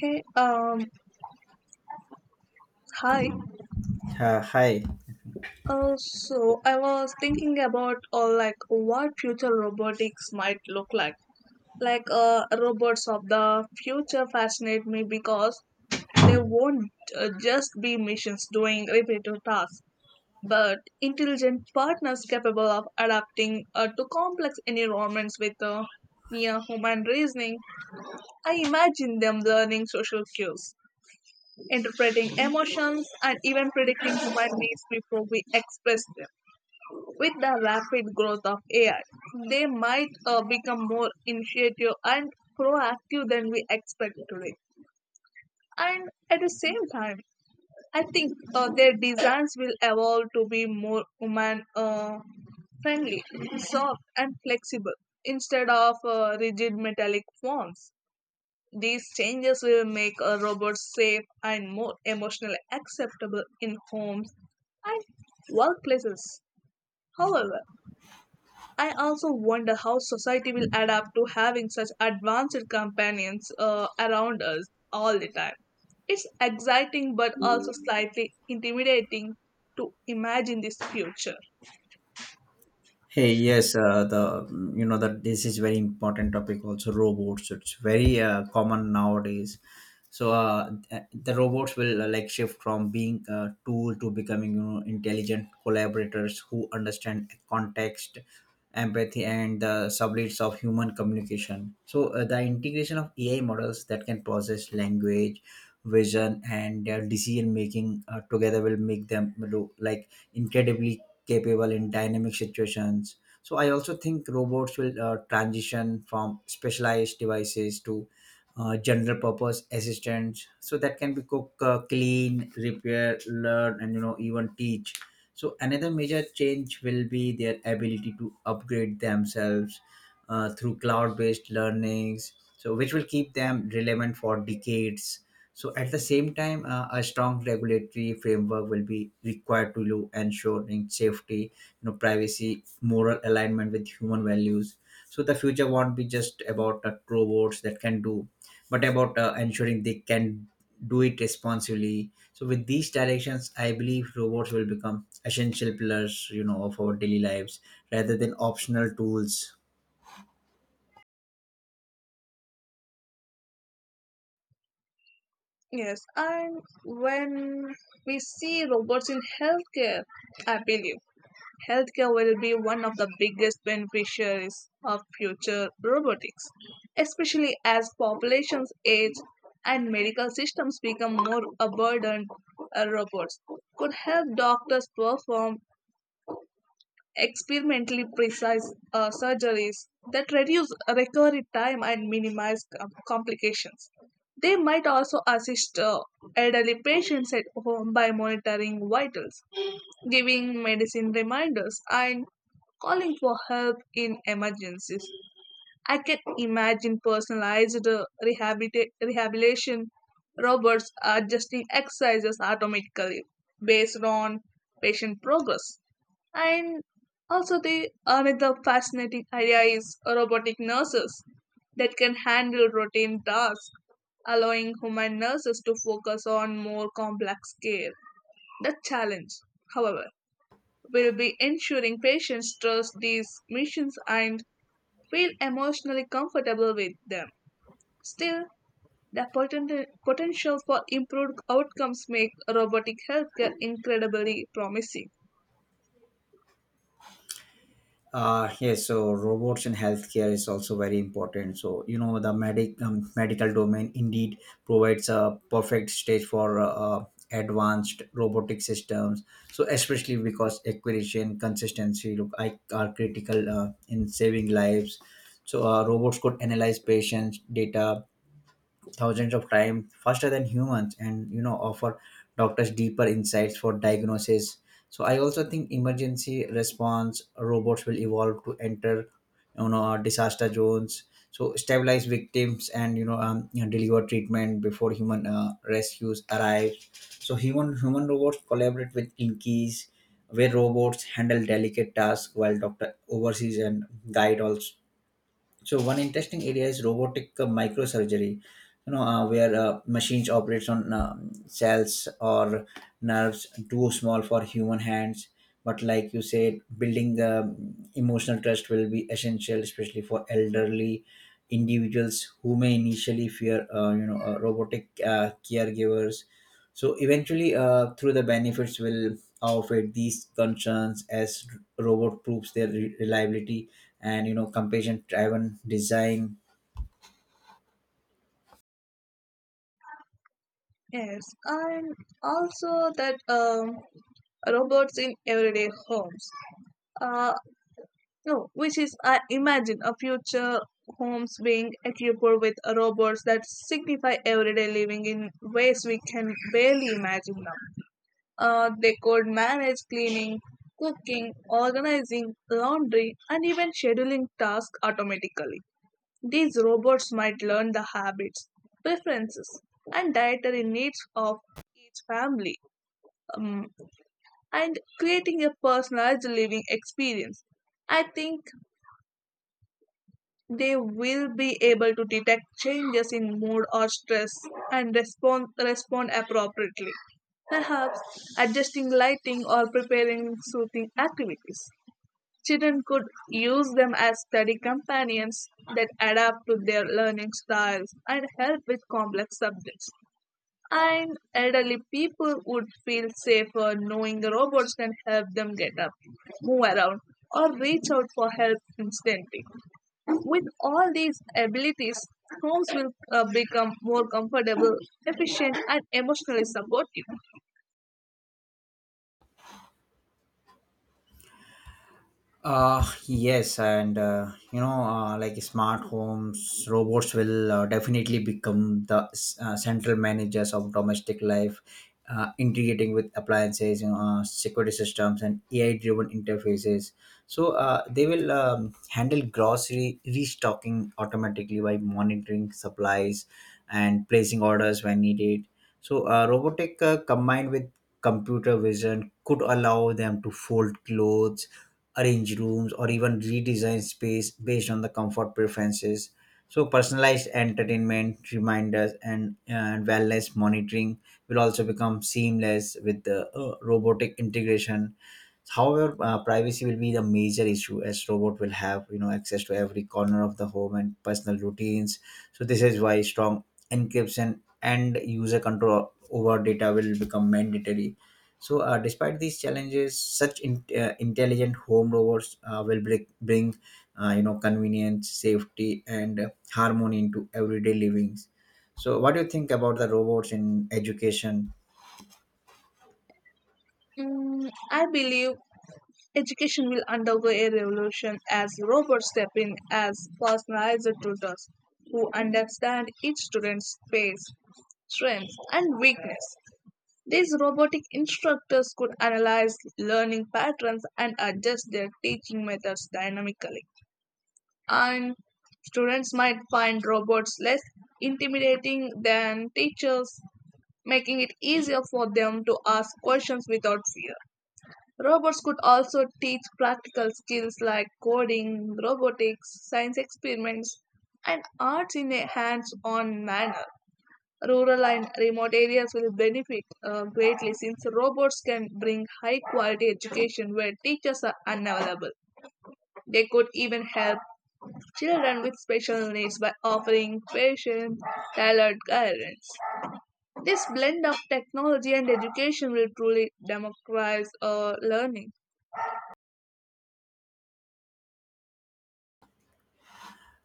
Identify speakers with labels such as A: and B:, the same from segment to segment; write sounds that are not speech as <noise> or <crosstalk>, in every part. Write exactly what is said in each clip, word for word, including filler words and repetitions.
A: Hey, um, hi.
B: Uh, hi.
A: Uh, so I was thinking about uh, like what future robotics might look like. Like uh, robots of the future fascinate me because they won't uh, just be machines doing repetitive tasks, but intelligent partners capable of adapting uh, to complex environments with uh, near human reasoning. I imagine them learning social cues interpreting emotions, and even predicting human needs before we express them. With the rapid growth of A I, they might uh, become more initiative and proactive than we expect today. And at the same time, I think uh, their designs will evolve to be more human uh, friendly, soft, and flexible instead of uh, rigid metallic forms. These changes will make a robot safe and more emotionally acceptable in homes and workplaces. However, I also wonder how society will adapt to having such advanced companions uh, around us all the time. It's exciting but also slightly intimidating to imagine this future.
B: Hey, yes, uh, the mm, you know that this is very important topic, also robots. It's very uh, common nowadays. So uh, th- the robots will uh, like shift from being a tool to becoming, you know, intelligent collaborators who understand context, empathy, and the subtleties of human communication. So uh, the integration of A I models that can process language, vision, and their decision making uh, together will make them look like incredibly capable in dynamic situations. So I also think robots will uh, transition from specialized devices to uh, general purpose assistants, so that can be cook, uh, clean, repair, learn, and, you know, even teach. So another major change will be their ability to upgrade themselves uh, through cloud-based learnings, so which will keep them relevant for decades. So at the same time, uh, a strong regulatory framework will be required to lo- ensuring safety, you know, privacy, moral alignment with human values. So the future won't be just about uh, robots that can do, but about uh, ensuring they can do it responsibly. So with these directions, I believe robots will become essential pillars, you know, of our daily lives rather than optional tools.
A: Yes, and when we see robots in healthcare, I believe healthcare will be one of the biggest beneficiaries of future robotics, especially as populations age and medical systems become more abundant. Uh, robots could help doctors perform experimentally precise uh, surgeries that reduce recovery time and minimize com- complications. They might also assist uh, elderly patients at home by monitoring vitals giving medicine reminders, and calling for help in emergencies. I can imagine personalized uh, rehabilita- rehabilitation robots adjusting exercises automatically based on patient progress. And also, the another fascinating idea is robotic nurses that can handle routine tasks, allowing human nurses to focus on more complex care. The challenge, however, will be ensuring patients trust these missions and feel emotionally comfortable with them. Still, the potent- potential for improved outcomes make robotic healthcare incredibly promising.
B: Uh, yes, so robots in healthcare is also very important. So, you know, the medic um, medical domain indeed provides a perfect stage for uh, uh, advanced robotic systems. So especially because accuracy, consistency, look, I, are critical uh, in saving lives. So uh, robots could analyze patients' data thousands of times faster than humans, and, you know, offer doctors deeper insights for diagnosis. So I also think emergency response robots will evolve to enter, you know, uh, disaster zones, so stabilize victims, and, you know, um, you know, deliver treatment before human uh, rescues arrive. So human human robots collaborate with inkies, where robots handle delicate tasks while doctor oversees and guide also. So one interesting area is robotic uh, microsurgery, you know, uh, where uh, machines operates on um, cells or nerves too small for human hands. But like you said, building um, emotional trust will be essential, especially for elderly individuals who may initially fear uh, you know uh, robotic uh, caregivers. So eventually, uh, through the benefits will outweigh these concerns as robot proves their re- reliability and, you know, compassion-driven design.
A: Yes, and also that um, robots in everyday homes. Uh, no, which is I imagine a future homes being equipped with robots that signify everyday living in ways we can barely imagine now. Uh, they could manage cleaning, cooking, organizing, laundry, and even scheduling tasks automatically. These robots might learn the habits, preferences, and dietary needs of each family um, and creating a personalized living experience. I think they will be able to detect changes in mood or stress and respond, respond appropriately, perhaps adjusting lighting or preparing soothing activities. Children could use them as study companions that adapt to their learning styles and help with complex subjects. And elderly people would feel safer knowing the robots can help them get up, move around, or reach out for help instantly. With all these abilities, homes will uh, become more comfortable, efficient, and emotionally supportive.
B: Uh, yes, and, uh, you know, uh, like smart homes, robots will uh, definitely become the uh, central managers of domestic life, uh, integrating with appliances, you know, uh, security systems, and A I-driven interfaces. So uh, they will um, handle grocery restocking automatically by monitoring supplies and placing orders when needed. So, uh, robotic uh, combined with computer vision could allow them to fold clothes, arrange rooms, or even redesign space based on the comfort preferences. So personalized entertainment, reminders, and uh, wellness monitoring will also become seamless with the uh, robotic integration. However, uh, privacy will be the major issue, as robot will have, you know, access to every corner of the home and personal routines. So this is why strong encryption and user control over data will become mandatory. So uh, despite these challenges, such in, uh, intelligent home robots uh, will bring, bring uh, you know, convenience, safety, and uh, harmony into everyday livings. So what do you think about the robots in education?
A: Mm, I believe education will undergo a revolution as robots step in as personalized tutors who understand each student's pace, strengths, and weakness. These robotic instructors could analyze learning patterns and adjust their teaching methods dynamically. And students might find robots less intimidating than teachers, making it easier for them to ask questions without fear. Robots could also teach practical skills like coding, robotics, science experiments, and arts in a hands on manner. Rural and remote areas will benefit uh, greatly since robots can bring high quality education where teachers are unavailable. They could even help children with special needs by offering patient, tailored guidance. This blend of technology and education will truly democratize our learning.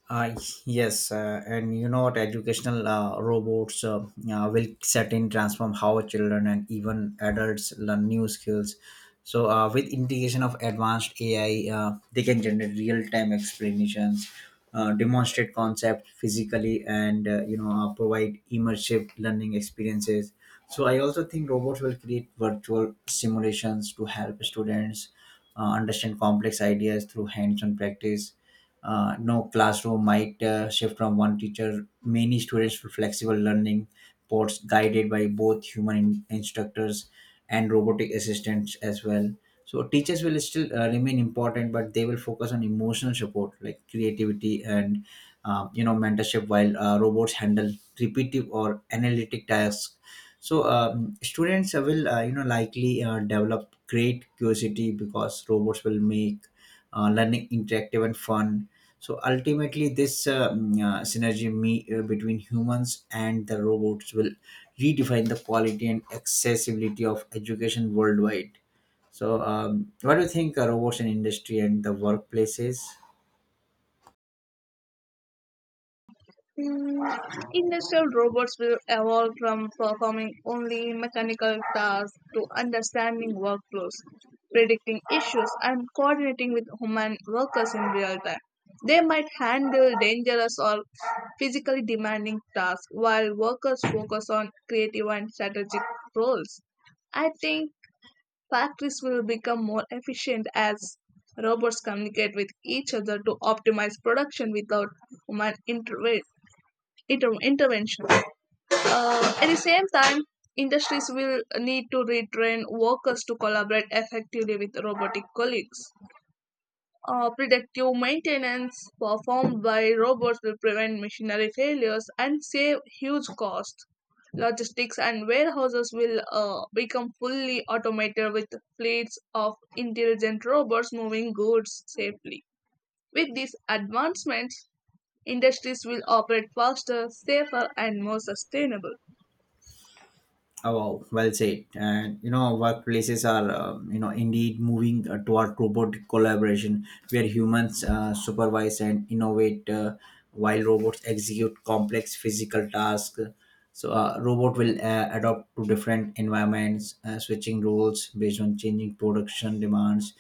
B: Uh, yes, uh, and you know what? Educational uh, robots uh, uh, will certainly transform how children and even adults learn new skills. So, uh, with integration of advanced A I, uh, they can generate real-time explanations, uh, demonstrate concepts physically, and, uh, you know uh, provide immersive learning experiences. So I also think robots will create virtual simulations to help students uh, understand complex ideas through hands-on practice. Uh, no, classroom might uh, shift from one teacher, many students, for flexible learning pods guided by both human in- instructors and robotic assistants as well. So teachers will still uh, remain important, but they will focus on emotional support like creativity and, uh, you know mentorship, while uh, robots handle repetitive or analytic tasks. So um, students uh, will uh, you know likely uh, develop great curiosity because robots will make uh, learning interactive and fun. So ultimately, this um, uh, synergy me, uh, between humans and the robots will redefine the quality and accessibility of education worldwide. So, um, what do you think uh, robots in industry and the workplaces?
A: Mm, Industrial robots will evolve from performing only mechanical tasks to understanding workflows, predicting issues, and coordinating with human workers in real time. They might handle dangerous or physically demanding tasks while workers focus on creative and strategic roles. I think factories will become more efficient as robots communicate with each other to optimize production without human interve- inter- intervention. Uh, at the same time, industries will need to retrain workers to collaborate effectively with robotic colleagues. Uh, predictive maintenance performed by robots will prevent machinery failures and save huge costs. Logistics and warehouses will uh, become fully automated with fleets of intelligent robots moving goods safely. With these advancements, industries will operate faster, safer, and more sustainable.
B: Oh, wow, well said. And you know, workplaces are, um, you know indeed moving uh, toward robotic collaboration, where humans uh, supervise and innovate uh, while robots execute complex physical tasks. So a robot will uh, adapt to different environments, uh, switching roles based on changing production demands.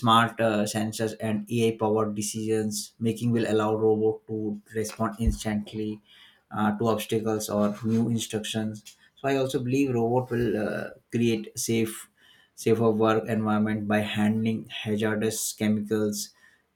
B: Smart uh, sensors and A I-powered decisions making will allow robot to respond instantly uh, to obstacles or new instructions. So I also believe robot will uh, create safe safer work environment by handling hazardous chemicals,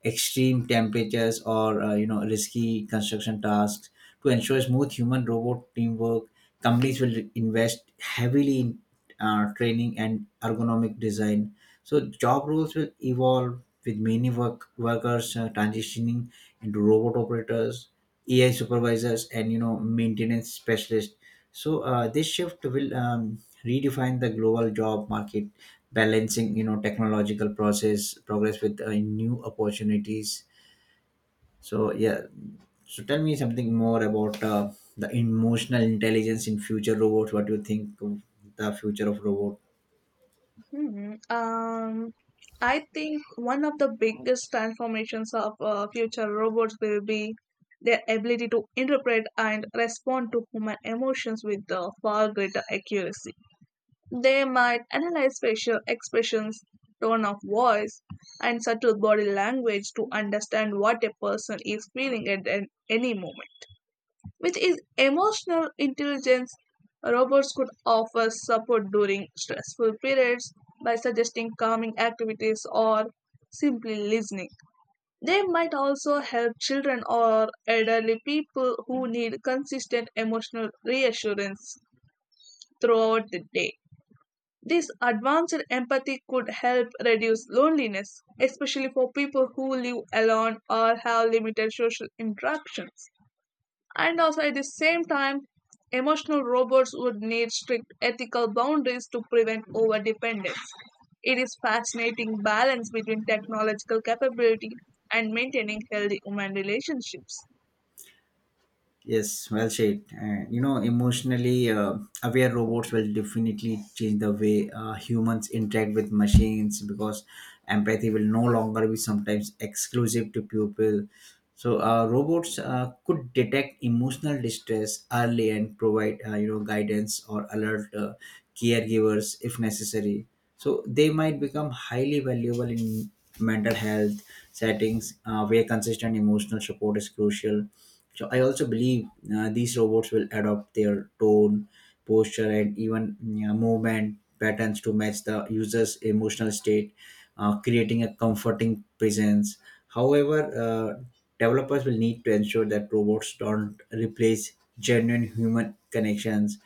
B: extreme temperatures, or, uh, you know risky construction tasks. To ensure smooth human-robot teamwork, companies will invest heavily in uh, training and ergonomic design. So job roles will evolve, with many work workers uh, transitioning into robot operators, A I supervisors, and, you know, maintenance specialists. So uh, this shift will um, redefine the global job market, balancing, you know, technological process progress with uh, new opportunities. So yeah, so tell me something more about uh, the emotional intelligence in future robots. What do you think of the future of robot?
A: Hmm. Um, I think one of the biggest transformations of uh, future robots will be their ability to interpret and respond to human emotions with uh, far greater accuracy. They might analyze facial expressions, tone of voice, and subtle body language to understand what a person is feeling at an- any moment. With his emotional intelligence, robots could offer support during stressful periods by suggesting calming activities or simply listening. They might also help children or elderly people who need consistent emotional reassurance throughout the day. This advanced empathy could help reduce loneliness, especially for people who live alone or have limited social interactions. And also at the same time, emotional robots would need strict ethical boundaries to prevent overdependence. It is fascinating balance between technological capability and maintaining healthy human relationships.
B: Yes, well said. Uh, you know, emotionally uh, aware robots will definitely change the way uh, humans interact with machines, because empathy will no longer be sometimes exclusive to people. So, uh, robots uh, could detect emotional distress early and provide, uh, you know, guidance or alert uh, caregivers if necessary. So they might become highly valuable in mental health settings, uh, where consistent emotional support is crucial. So I also believe uh, these robots will adopt their tone, posture, and even mm, uh, movement patterns to match the user's emotional state, uh, creating a comforting presence. However, uh, developers will need to ensure that robots don't replace genuine human connections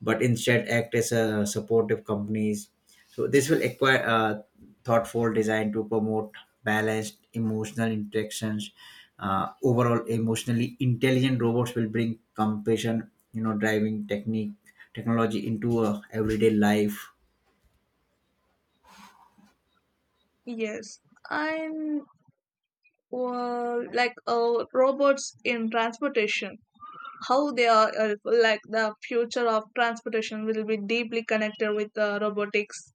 B: but instead act as a supportive companies. So this will acquire uh, thoughtful design to promote balanced emotional interactions. Uh, overall, emotionally intelligent robots will bring compassion, you know, driving technique technology into uh, everyday life.
A: Yes, and uh, like uh, robots in transportation, how they are uh, like the future of transportation will be deeply connected with uh, robotics,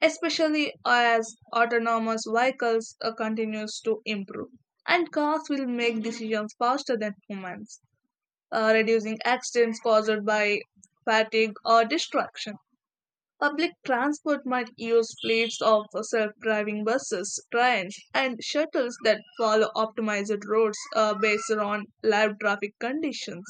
A: especially as autonomous vehicles uh, continues to improve and cars will make decisions faster than humans, uh, reducing accidents caused by fatigue or distraction. Public transport might use fleets of self-driving buses trains and shuttles that follow optimized routes uh, based on live traffic conditions.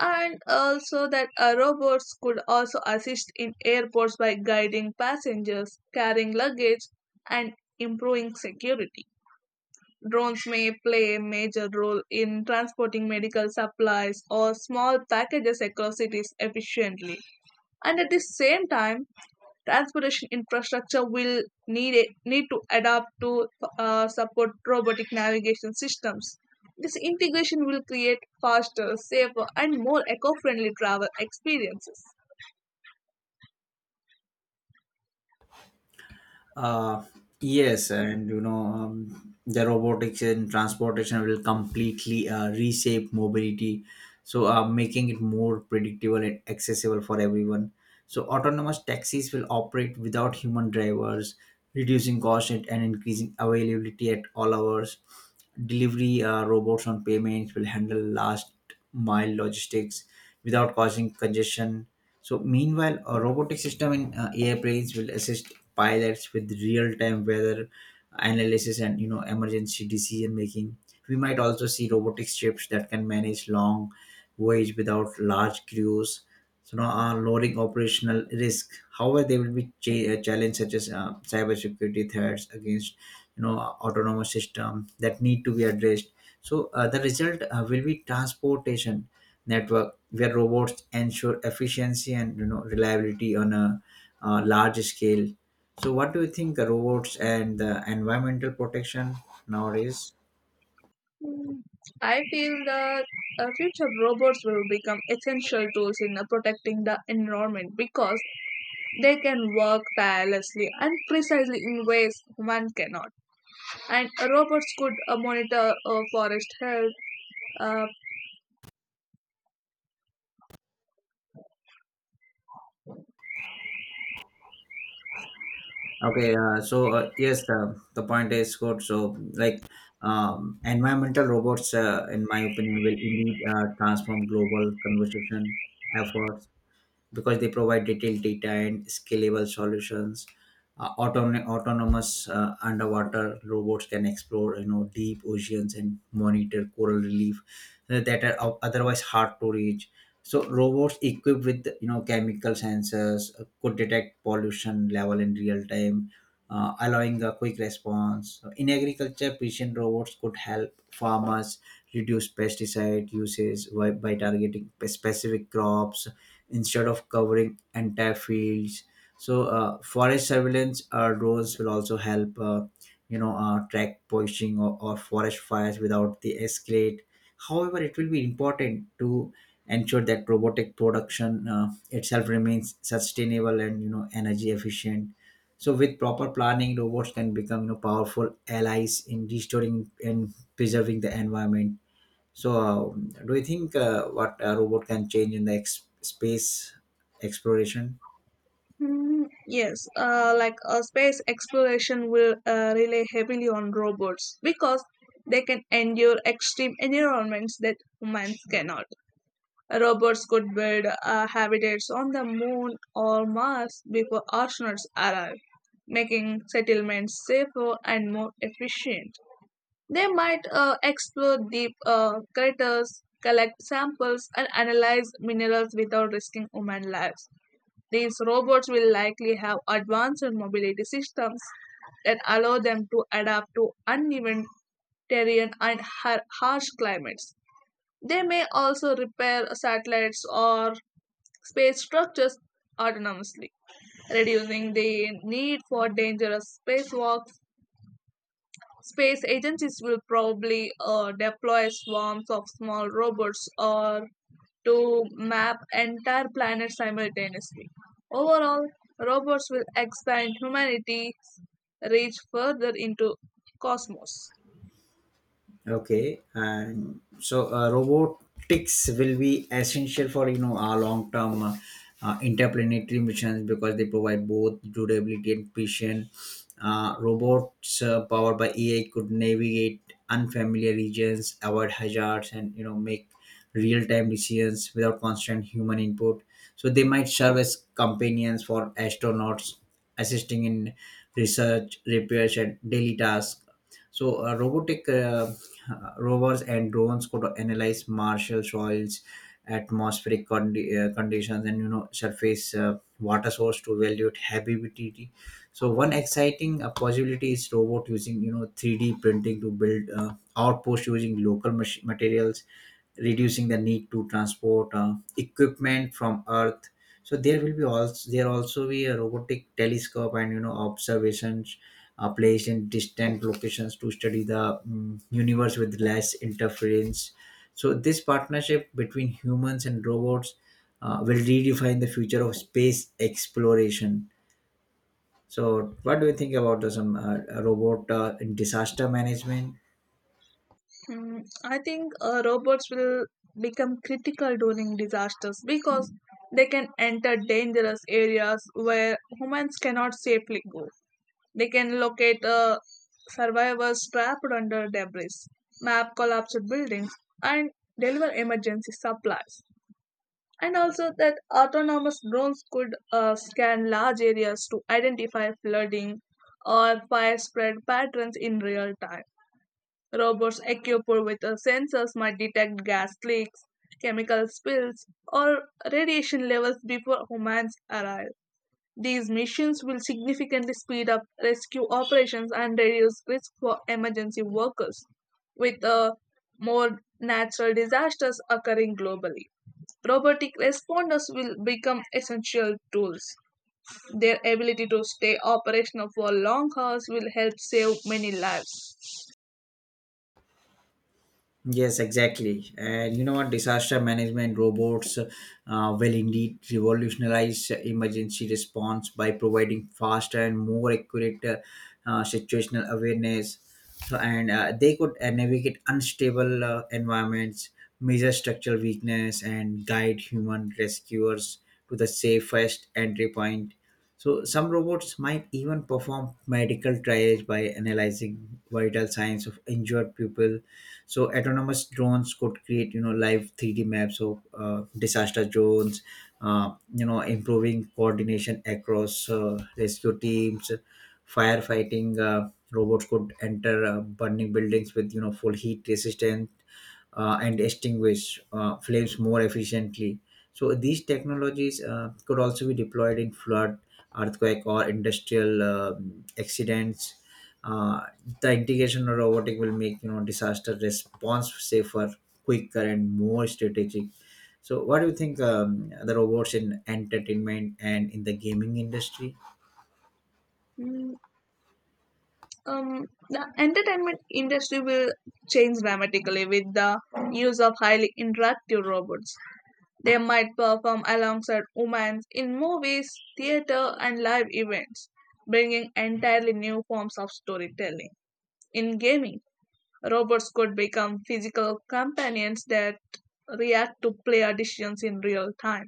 A: And also that uh, robots could also assist in airports by guiding passengers, carrying luggage, and improving security. Drones may play a major role in transporting medical supplies or small packages across cities efficiently. And at the same time, transportation infrastructure will need a, need to adapt to uh, support robotic navigation systems. This integration will create faster, safer, and more eco-friendly travel experiences.
B: Uh, yes, and you know, um, the robotics and transportation will completely uh, reshape mobility, so uh, making it more predictable and accessible for everyone. So autonomous taxis will operate without human drivers, reducing cost, and and increasing availability at all hours. Delivery uh, robots on payments will handle last mile logistics without causing congestion. So meanwhile, a robotic system in uh, airplanes will assist pilots with real-time weather analysis and, you know, emergency decision making. We might also see robotic ships that can manage long voyage without large crews, so now uh, lowering operational risk. However, there will be cha- uh, challenges such as uh, cybersecurity threats against, you know, autonomous system that need to be addressed. So uh, the result uh, will be transportation network where robots ensure efficiency and, you know, reliability on a uh, large scale. So what do you think uh, robots and the environmental protection nowadays?
A: Mm, I feel that uh, future robots will become essential tools in uh, protecting the environment because they can work tirelessly and precisely in ways one cannot. And robots could uh, monitor uh, forest health, uh,
B: Okay, uh, so uh, yes, the, the point is good. So, like, um, environmental robots, uh, in my opinion, will indeed uh, transform global conversation efforts because they provide detailed data and scalable solutions. Uh, autonom- autonomous uh, underwater robots can explore, you know, deep oceans and monitor coral reef uh, that are o- otherwise hard to reach. So robots equipped with, you know, chemical sensors uh, could detect pollution level in real time, uh, allowing a quick response. In agriculture, precision robots could help farmers reduce pesticide usage by, by targeting pe- specific crops instead of covering entire fields. So uh, forest surveillance uh, drones will also help, uh, you know uh, track poaching or, or forest fires without the escalate. However, it will be important to ensure that robotic production uh, itself remains sustainable and, you know, energy efficient. So with proper planning, robots can become, you know, powerful allies in restoring and preserving the environment. So, um, do you think uh, what a robot can change in the ex- space exploration?
A: Mm, Yes, uh, like uh, space exploration will uh, rely heavily on robots because they can endure extreme environments that humans cannot. Robots could build uh, habitats on the moon or Mars before astronauts arrive, making settlements safer and more efficient. They might uh, explore deep uh, craters, collect samples, and analyze minerals without risking human lives. These robots will likely have advanced mobility systems that allow them to adapt to uneven terrain and har- harsh climates. They may also repair satellites or space structures autonomously, reducing the need for dangerous spacewalks. Space agencies will probably uh, deploy swarms of small robots or to map entire planets simultaneously. Overall, robots will expand humanity's reach further into cosmos.
B: Okay, and so uh, robotics will be essential for, you know, our long-term uh, uh, interplanetary missions, because they provide both durability and precision. Uh, robots uh, powered by A I could navigate unfamiliar regions, avoid hazards, and, you know, make real-time decisions without constant human input. So they might serve as companions for astronauts, assisting in research, repairs, and daily tasks. So, uh, robotic uh, uh, rovers and drones could analyze martial soils, atmospheric condi- uh, conditions, and, you know, surface uh, water source to evaluate habitability. So, one exciting uh, possibility is robot using you know three D printing to build uh, outpost using local mach- materials, reducing the need to transport uh, equipment from earth. So there will be also there also be a robotic telescope and you know observations uh, placed in distant locations to study the mm universe with less interference. So this partnership between humans and robots uh, will redefine the future of space exploration. So what do you think about this um, uh, robot uh, in disaster management?
A: Mm, I think uh, robots will become critical during disasters because they can enter dangerous areas where humans cannot safely go. They can locate uh, survivors trapped under debris, map collapsed buildings, and deliver emergency supplies. And also that autonomous drones could uh, scan large areas to identify flooding or fire spread patterns in real time. Robots equipped with uh, sensors might detect gas leaks, chemical spills, or radiation levels before humans arrive. These missions will significantly speed up rescue operations and reduce risk for emergency workers. With uh, more natural disasters occurring globally, robotic responders will become essential tools. Their ability to stay operational for long hours will help save many lives.
B: Yes, exactly. And you know what? Disaster management robots uh, will indeed revolutionize emergency response by providing faster and more accurate uh, uh, situational awareness. So, and uh, they could uh, navigate unstable uh, environments, measure structural weakness, and guide human rescuers to the safest entry point. So, some robots might even perform medical triage by analyzing vital signs of injured people. So autonomous drones could create you know live three D maps of uh, disaster zones, uh, you know improving coordination across uh, rescue teams. Firefighting uh, robots could enter uh, burning buildings with you know full heat resistance, uh, and extinguish uh, flames more efficiently. So these technologies uh, could also be deployed in flood, earthquake or industrial um accidents. uh, the integration of robotic will make you know disaster response safer, quicker and more strategic. So what do you think um, the robots in entertainment and in the gaming industry?
A: Mm, Um, the entertainment industry will change dramatically with the use of highly interactive robots. They might perform alongside humans in movies, theater, and live events, bringing entirely new forms of storytelling. In gaming, robots could become physical companions that react to player decisions in real time.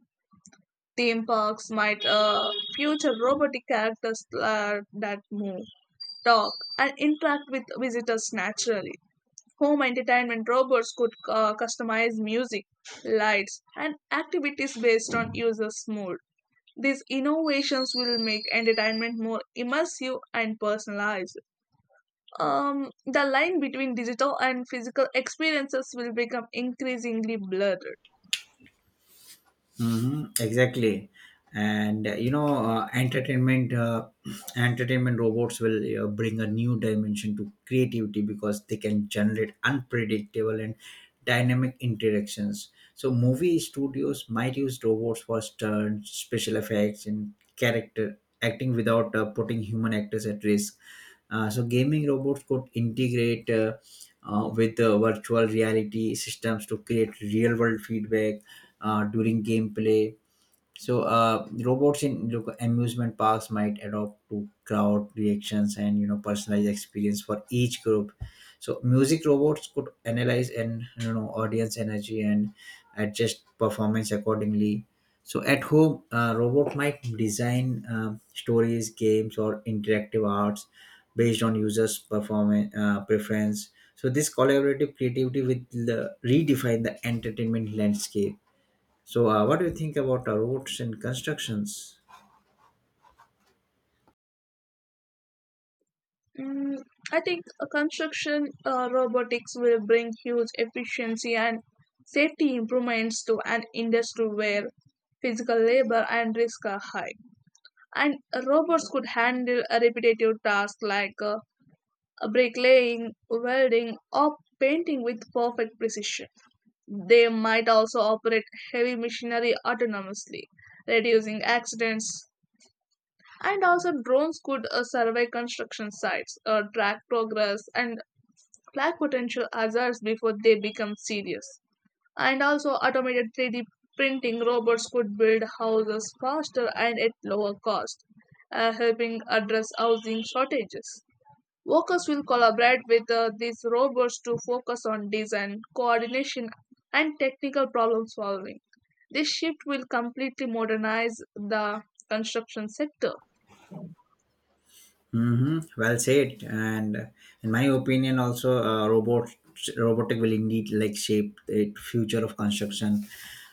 A: Theme parks might uh, feature robotic characters uh, that move, talk, and interact with visitors naturally. Home entertainment robots could uh, customize music, lights, and activities based on users' mood. These innovations will make entertainment more immersive and personalized um, The line between digital and physical experiences will become increasingly blurred.
B: Hmm, exactly. And uh, you know uh, entertainment uh, <clears throat> entertainment robots will uh, bring a new dimension to creativity because they can generate unpredictable and dynamic interactions. So movie studios might use robots for stunts, special effects and character acting without uh, putting human actors at risk. Uh, so gaming robots could integrate uh, uh, with uh, virtual reality systems to create real world feedback uh, during gameplay. So, uh, robots in local amusement parks might adopt to crowd reactions and you know personalized experience for each group. So, music robots could analyze and you know audience energy and adjust performance accordingly. So, at home, uh, robot might design um stories, games, or interactive arts based on users' performance uh, preference. So, this collaborative creativity will uh, redefine the entertainment landscape. So, uh, what do you think about uh, roads and constructions?
A: Mm, I think uh, construction uh, robotics will bring huge efficiency and safety improvements to an industry where physical labor and risk are high. And robots could handle a repetitive tasks like uh, bricklaying, welding, or painting with perfect precision. They might also operate heavy machinery autonomously, reducing accidents. And also, drones could uh, survey construction sites, uh, track progress, and flag potential hazards before they become serious. And also, automated three D printing robots could build houses faster and at lower cost, uh, helping address housing shortages. Workers will collaborate with uh, these robots to focus on design, coordination, and technical problem solving. This shift will completely modernize the construction sector.
B: Hmm, well said. And in my opinion, also uh, robot robotic will indeed like shape the future of construction.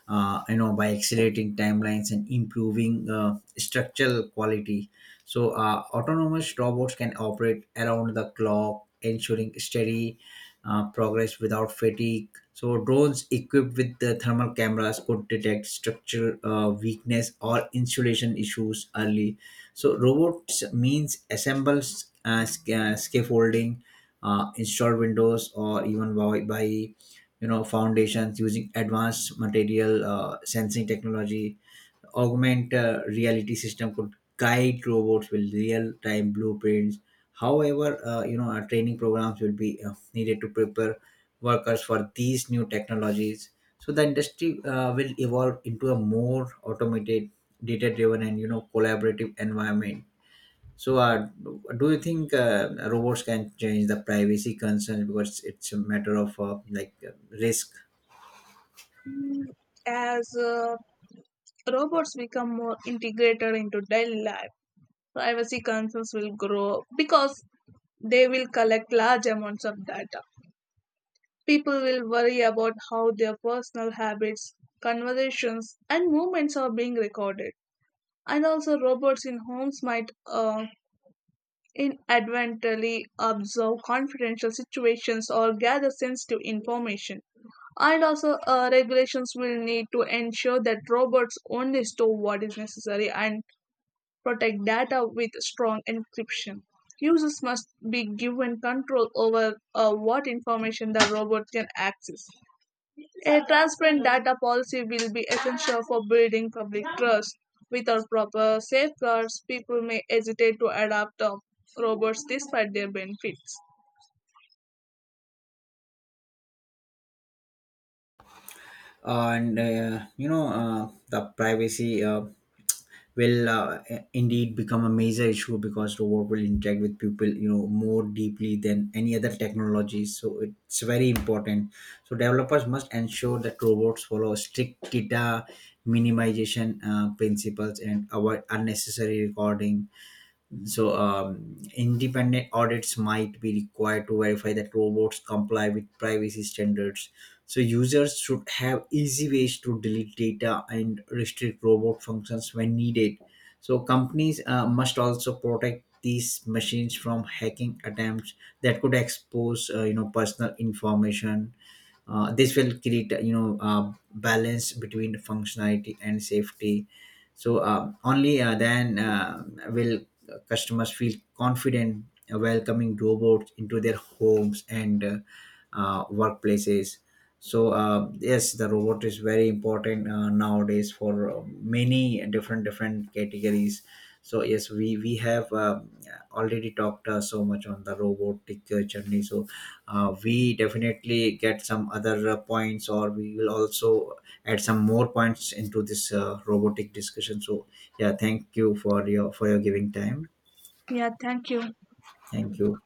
B: Uh, you know, by accelerating timelines and improving uh, structural quality. So uh, autonomous robots can operate around the clock, ensuring steady uh, progress without fatigue. So drones equipped with the thermal cameras could detect structural uh, weakness or insulation issues early. So robots means assembles uh, sc- uh, scaffolding, uh, install windows, or even by, by you know foundations using advanced material uh, sensing technology. Augment uh, reality system could guide robots with real-time blueprints. However, uh, you know our training programs will be uh, needed to prepare workers for these new technologies. So the industry uh, will evolve into a more automated, data driven and you know collaborative environment. So uh, do you think uh, robots can change the privacy concerns, because it's a matter of uh, like uh, risk?
A: As uh, robots become more integrated into daily life, privacy concerns will grow because they will collect large amounts of data. People will worry about how their personal habits, conversations, and movements are being recorded. And also robots in homes might uh, inadvertently observe confidential situations or gather sensitive information. And also uh, regulations will need to ensure that robots only store what is necessary and protect data with strong encryption. Users must be given control over uh, what information the robot can access. A transparent data policy will be essential for building public trust. Without proper safeguards, people may hesitate to adopt uh, robots despite their benefits.
B: And uh, you know uh, the privacy uh, will uh, i- indeed become a major issue because robot will interact with people, you know more deeply than any other technology, so it's very important. So developers must ensure that robots follow strict data minimization uh, principles and avoid unnecessary recording. So, um, independent audits might be required to verify that robots comply with privacy standards. So, users should have easy ways to delete data and restrict robot functions when needed. So, companies uh, must also protect these machines from hacking attempts that could expose, uh, you know, personal information. Uh, this will create you know uh, balance between functionality and safety. So uh, only uh, then uh, will customers feel confident welcoming robots into their homes and uh, uh, workplaces. So uh, yes, the robot is very important uh, nowadays for uh, many different different categories. So yes, we we have uh, already talked uh, so much on the robotic uh, journey. So uh, we definitely get some other uh, points, or we will also add some more points into this uh, robotic discussion. So yeah, thank you for your for your giving time.
A: Yeah, thank you.
B: Thank you.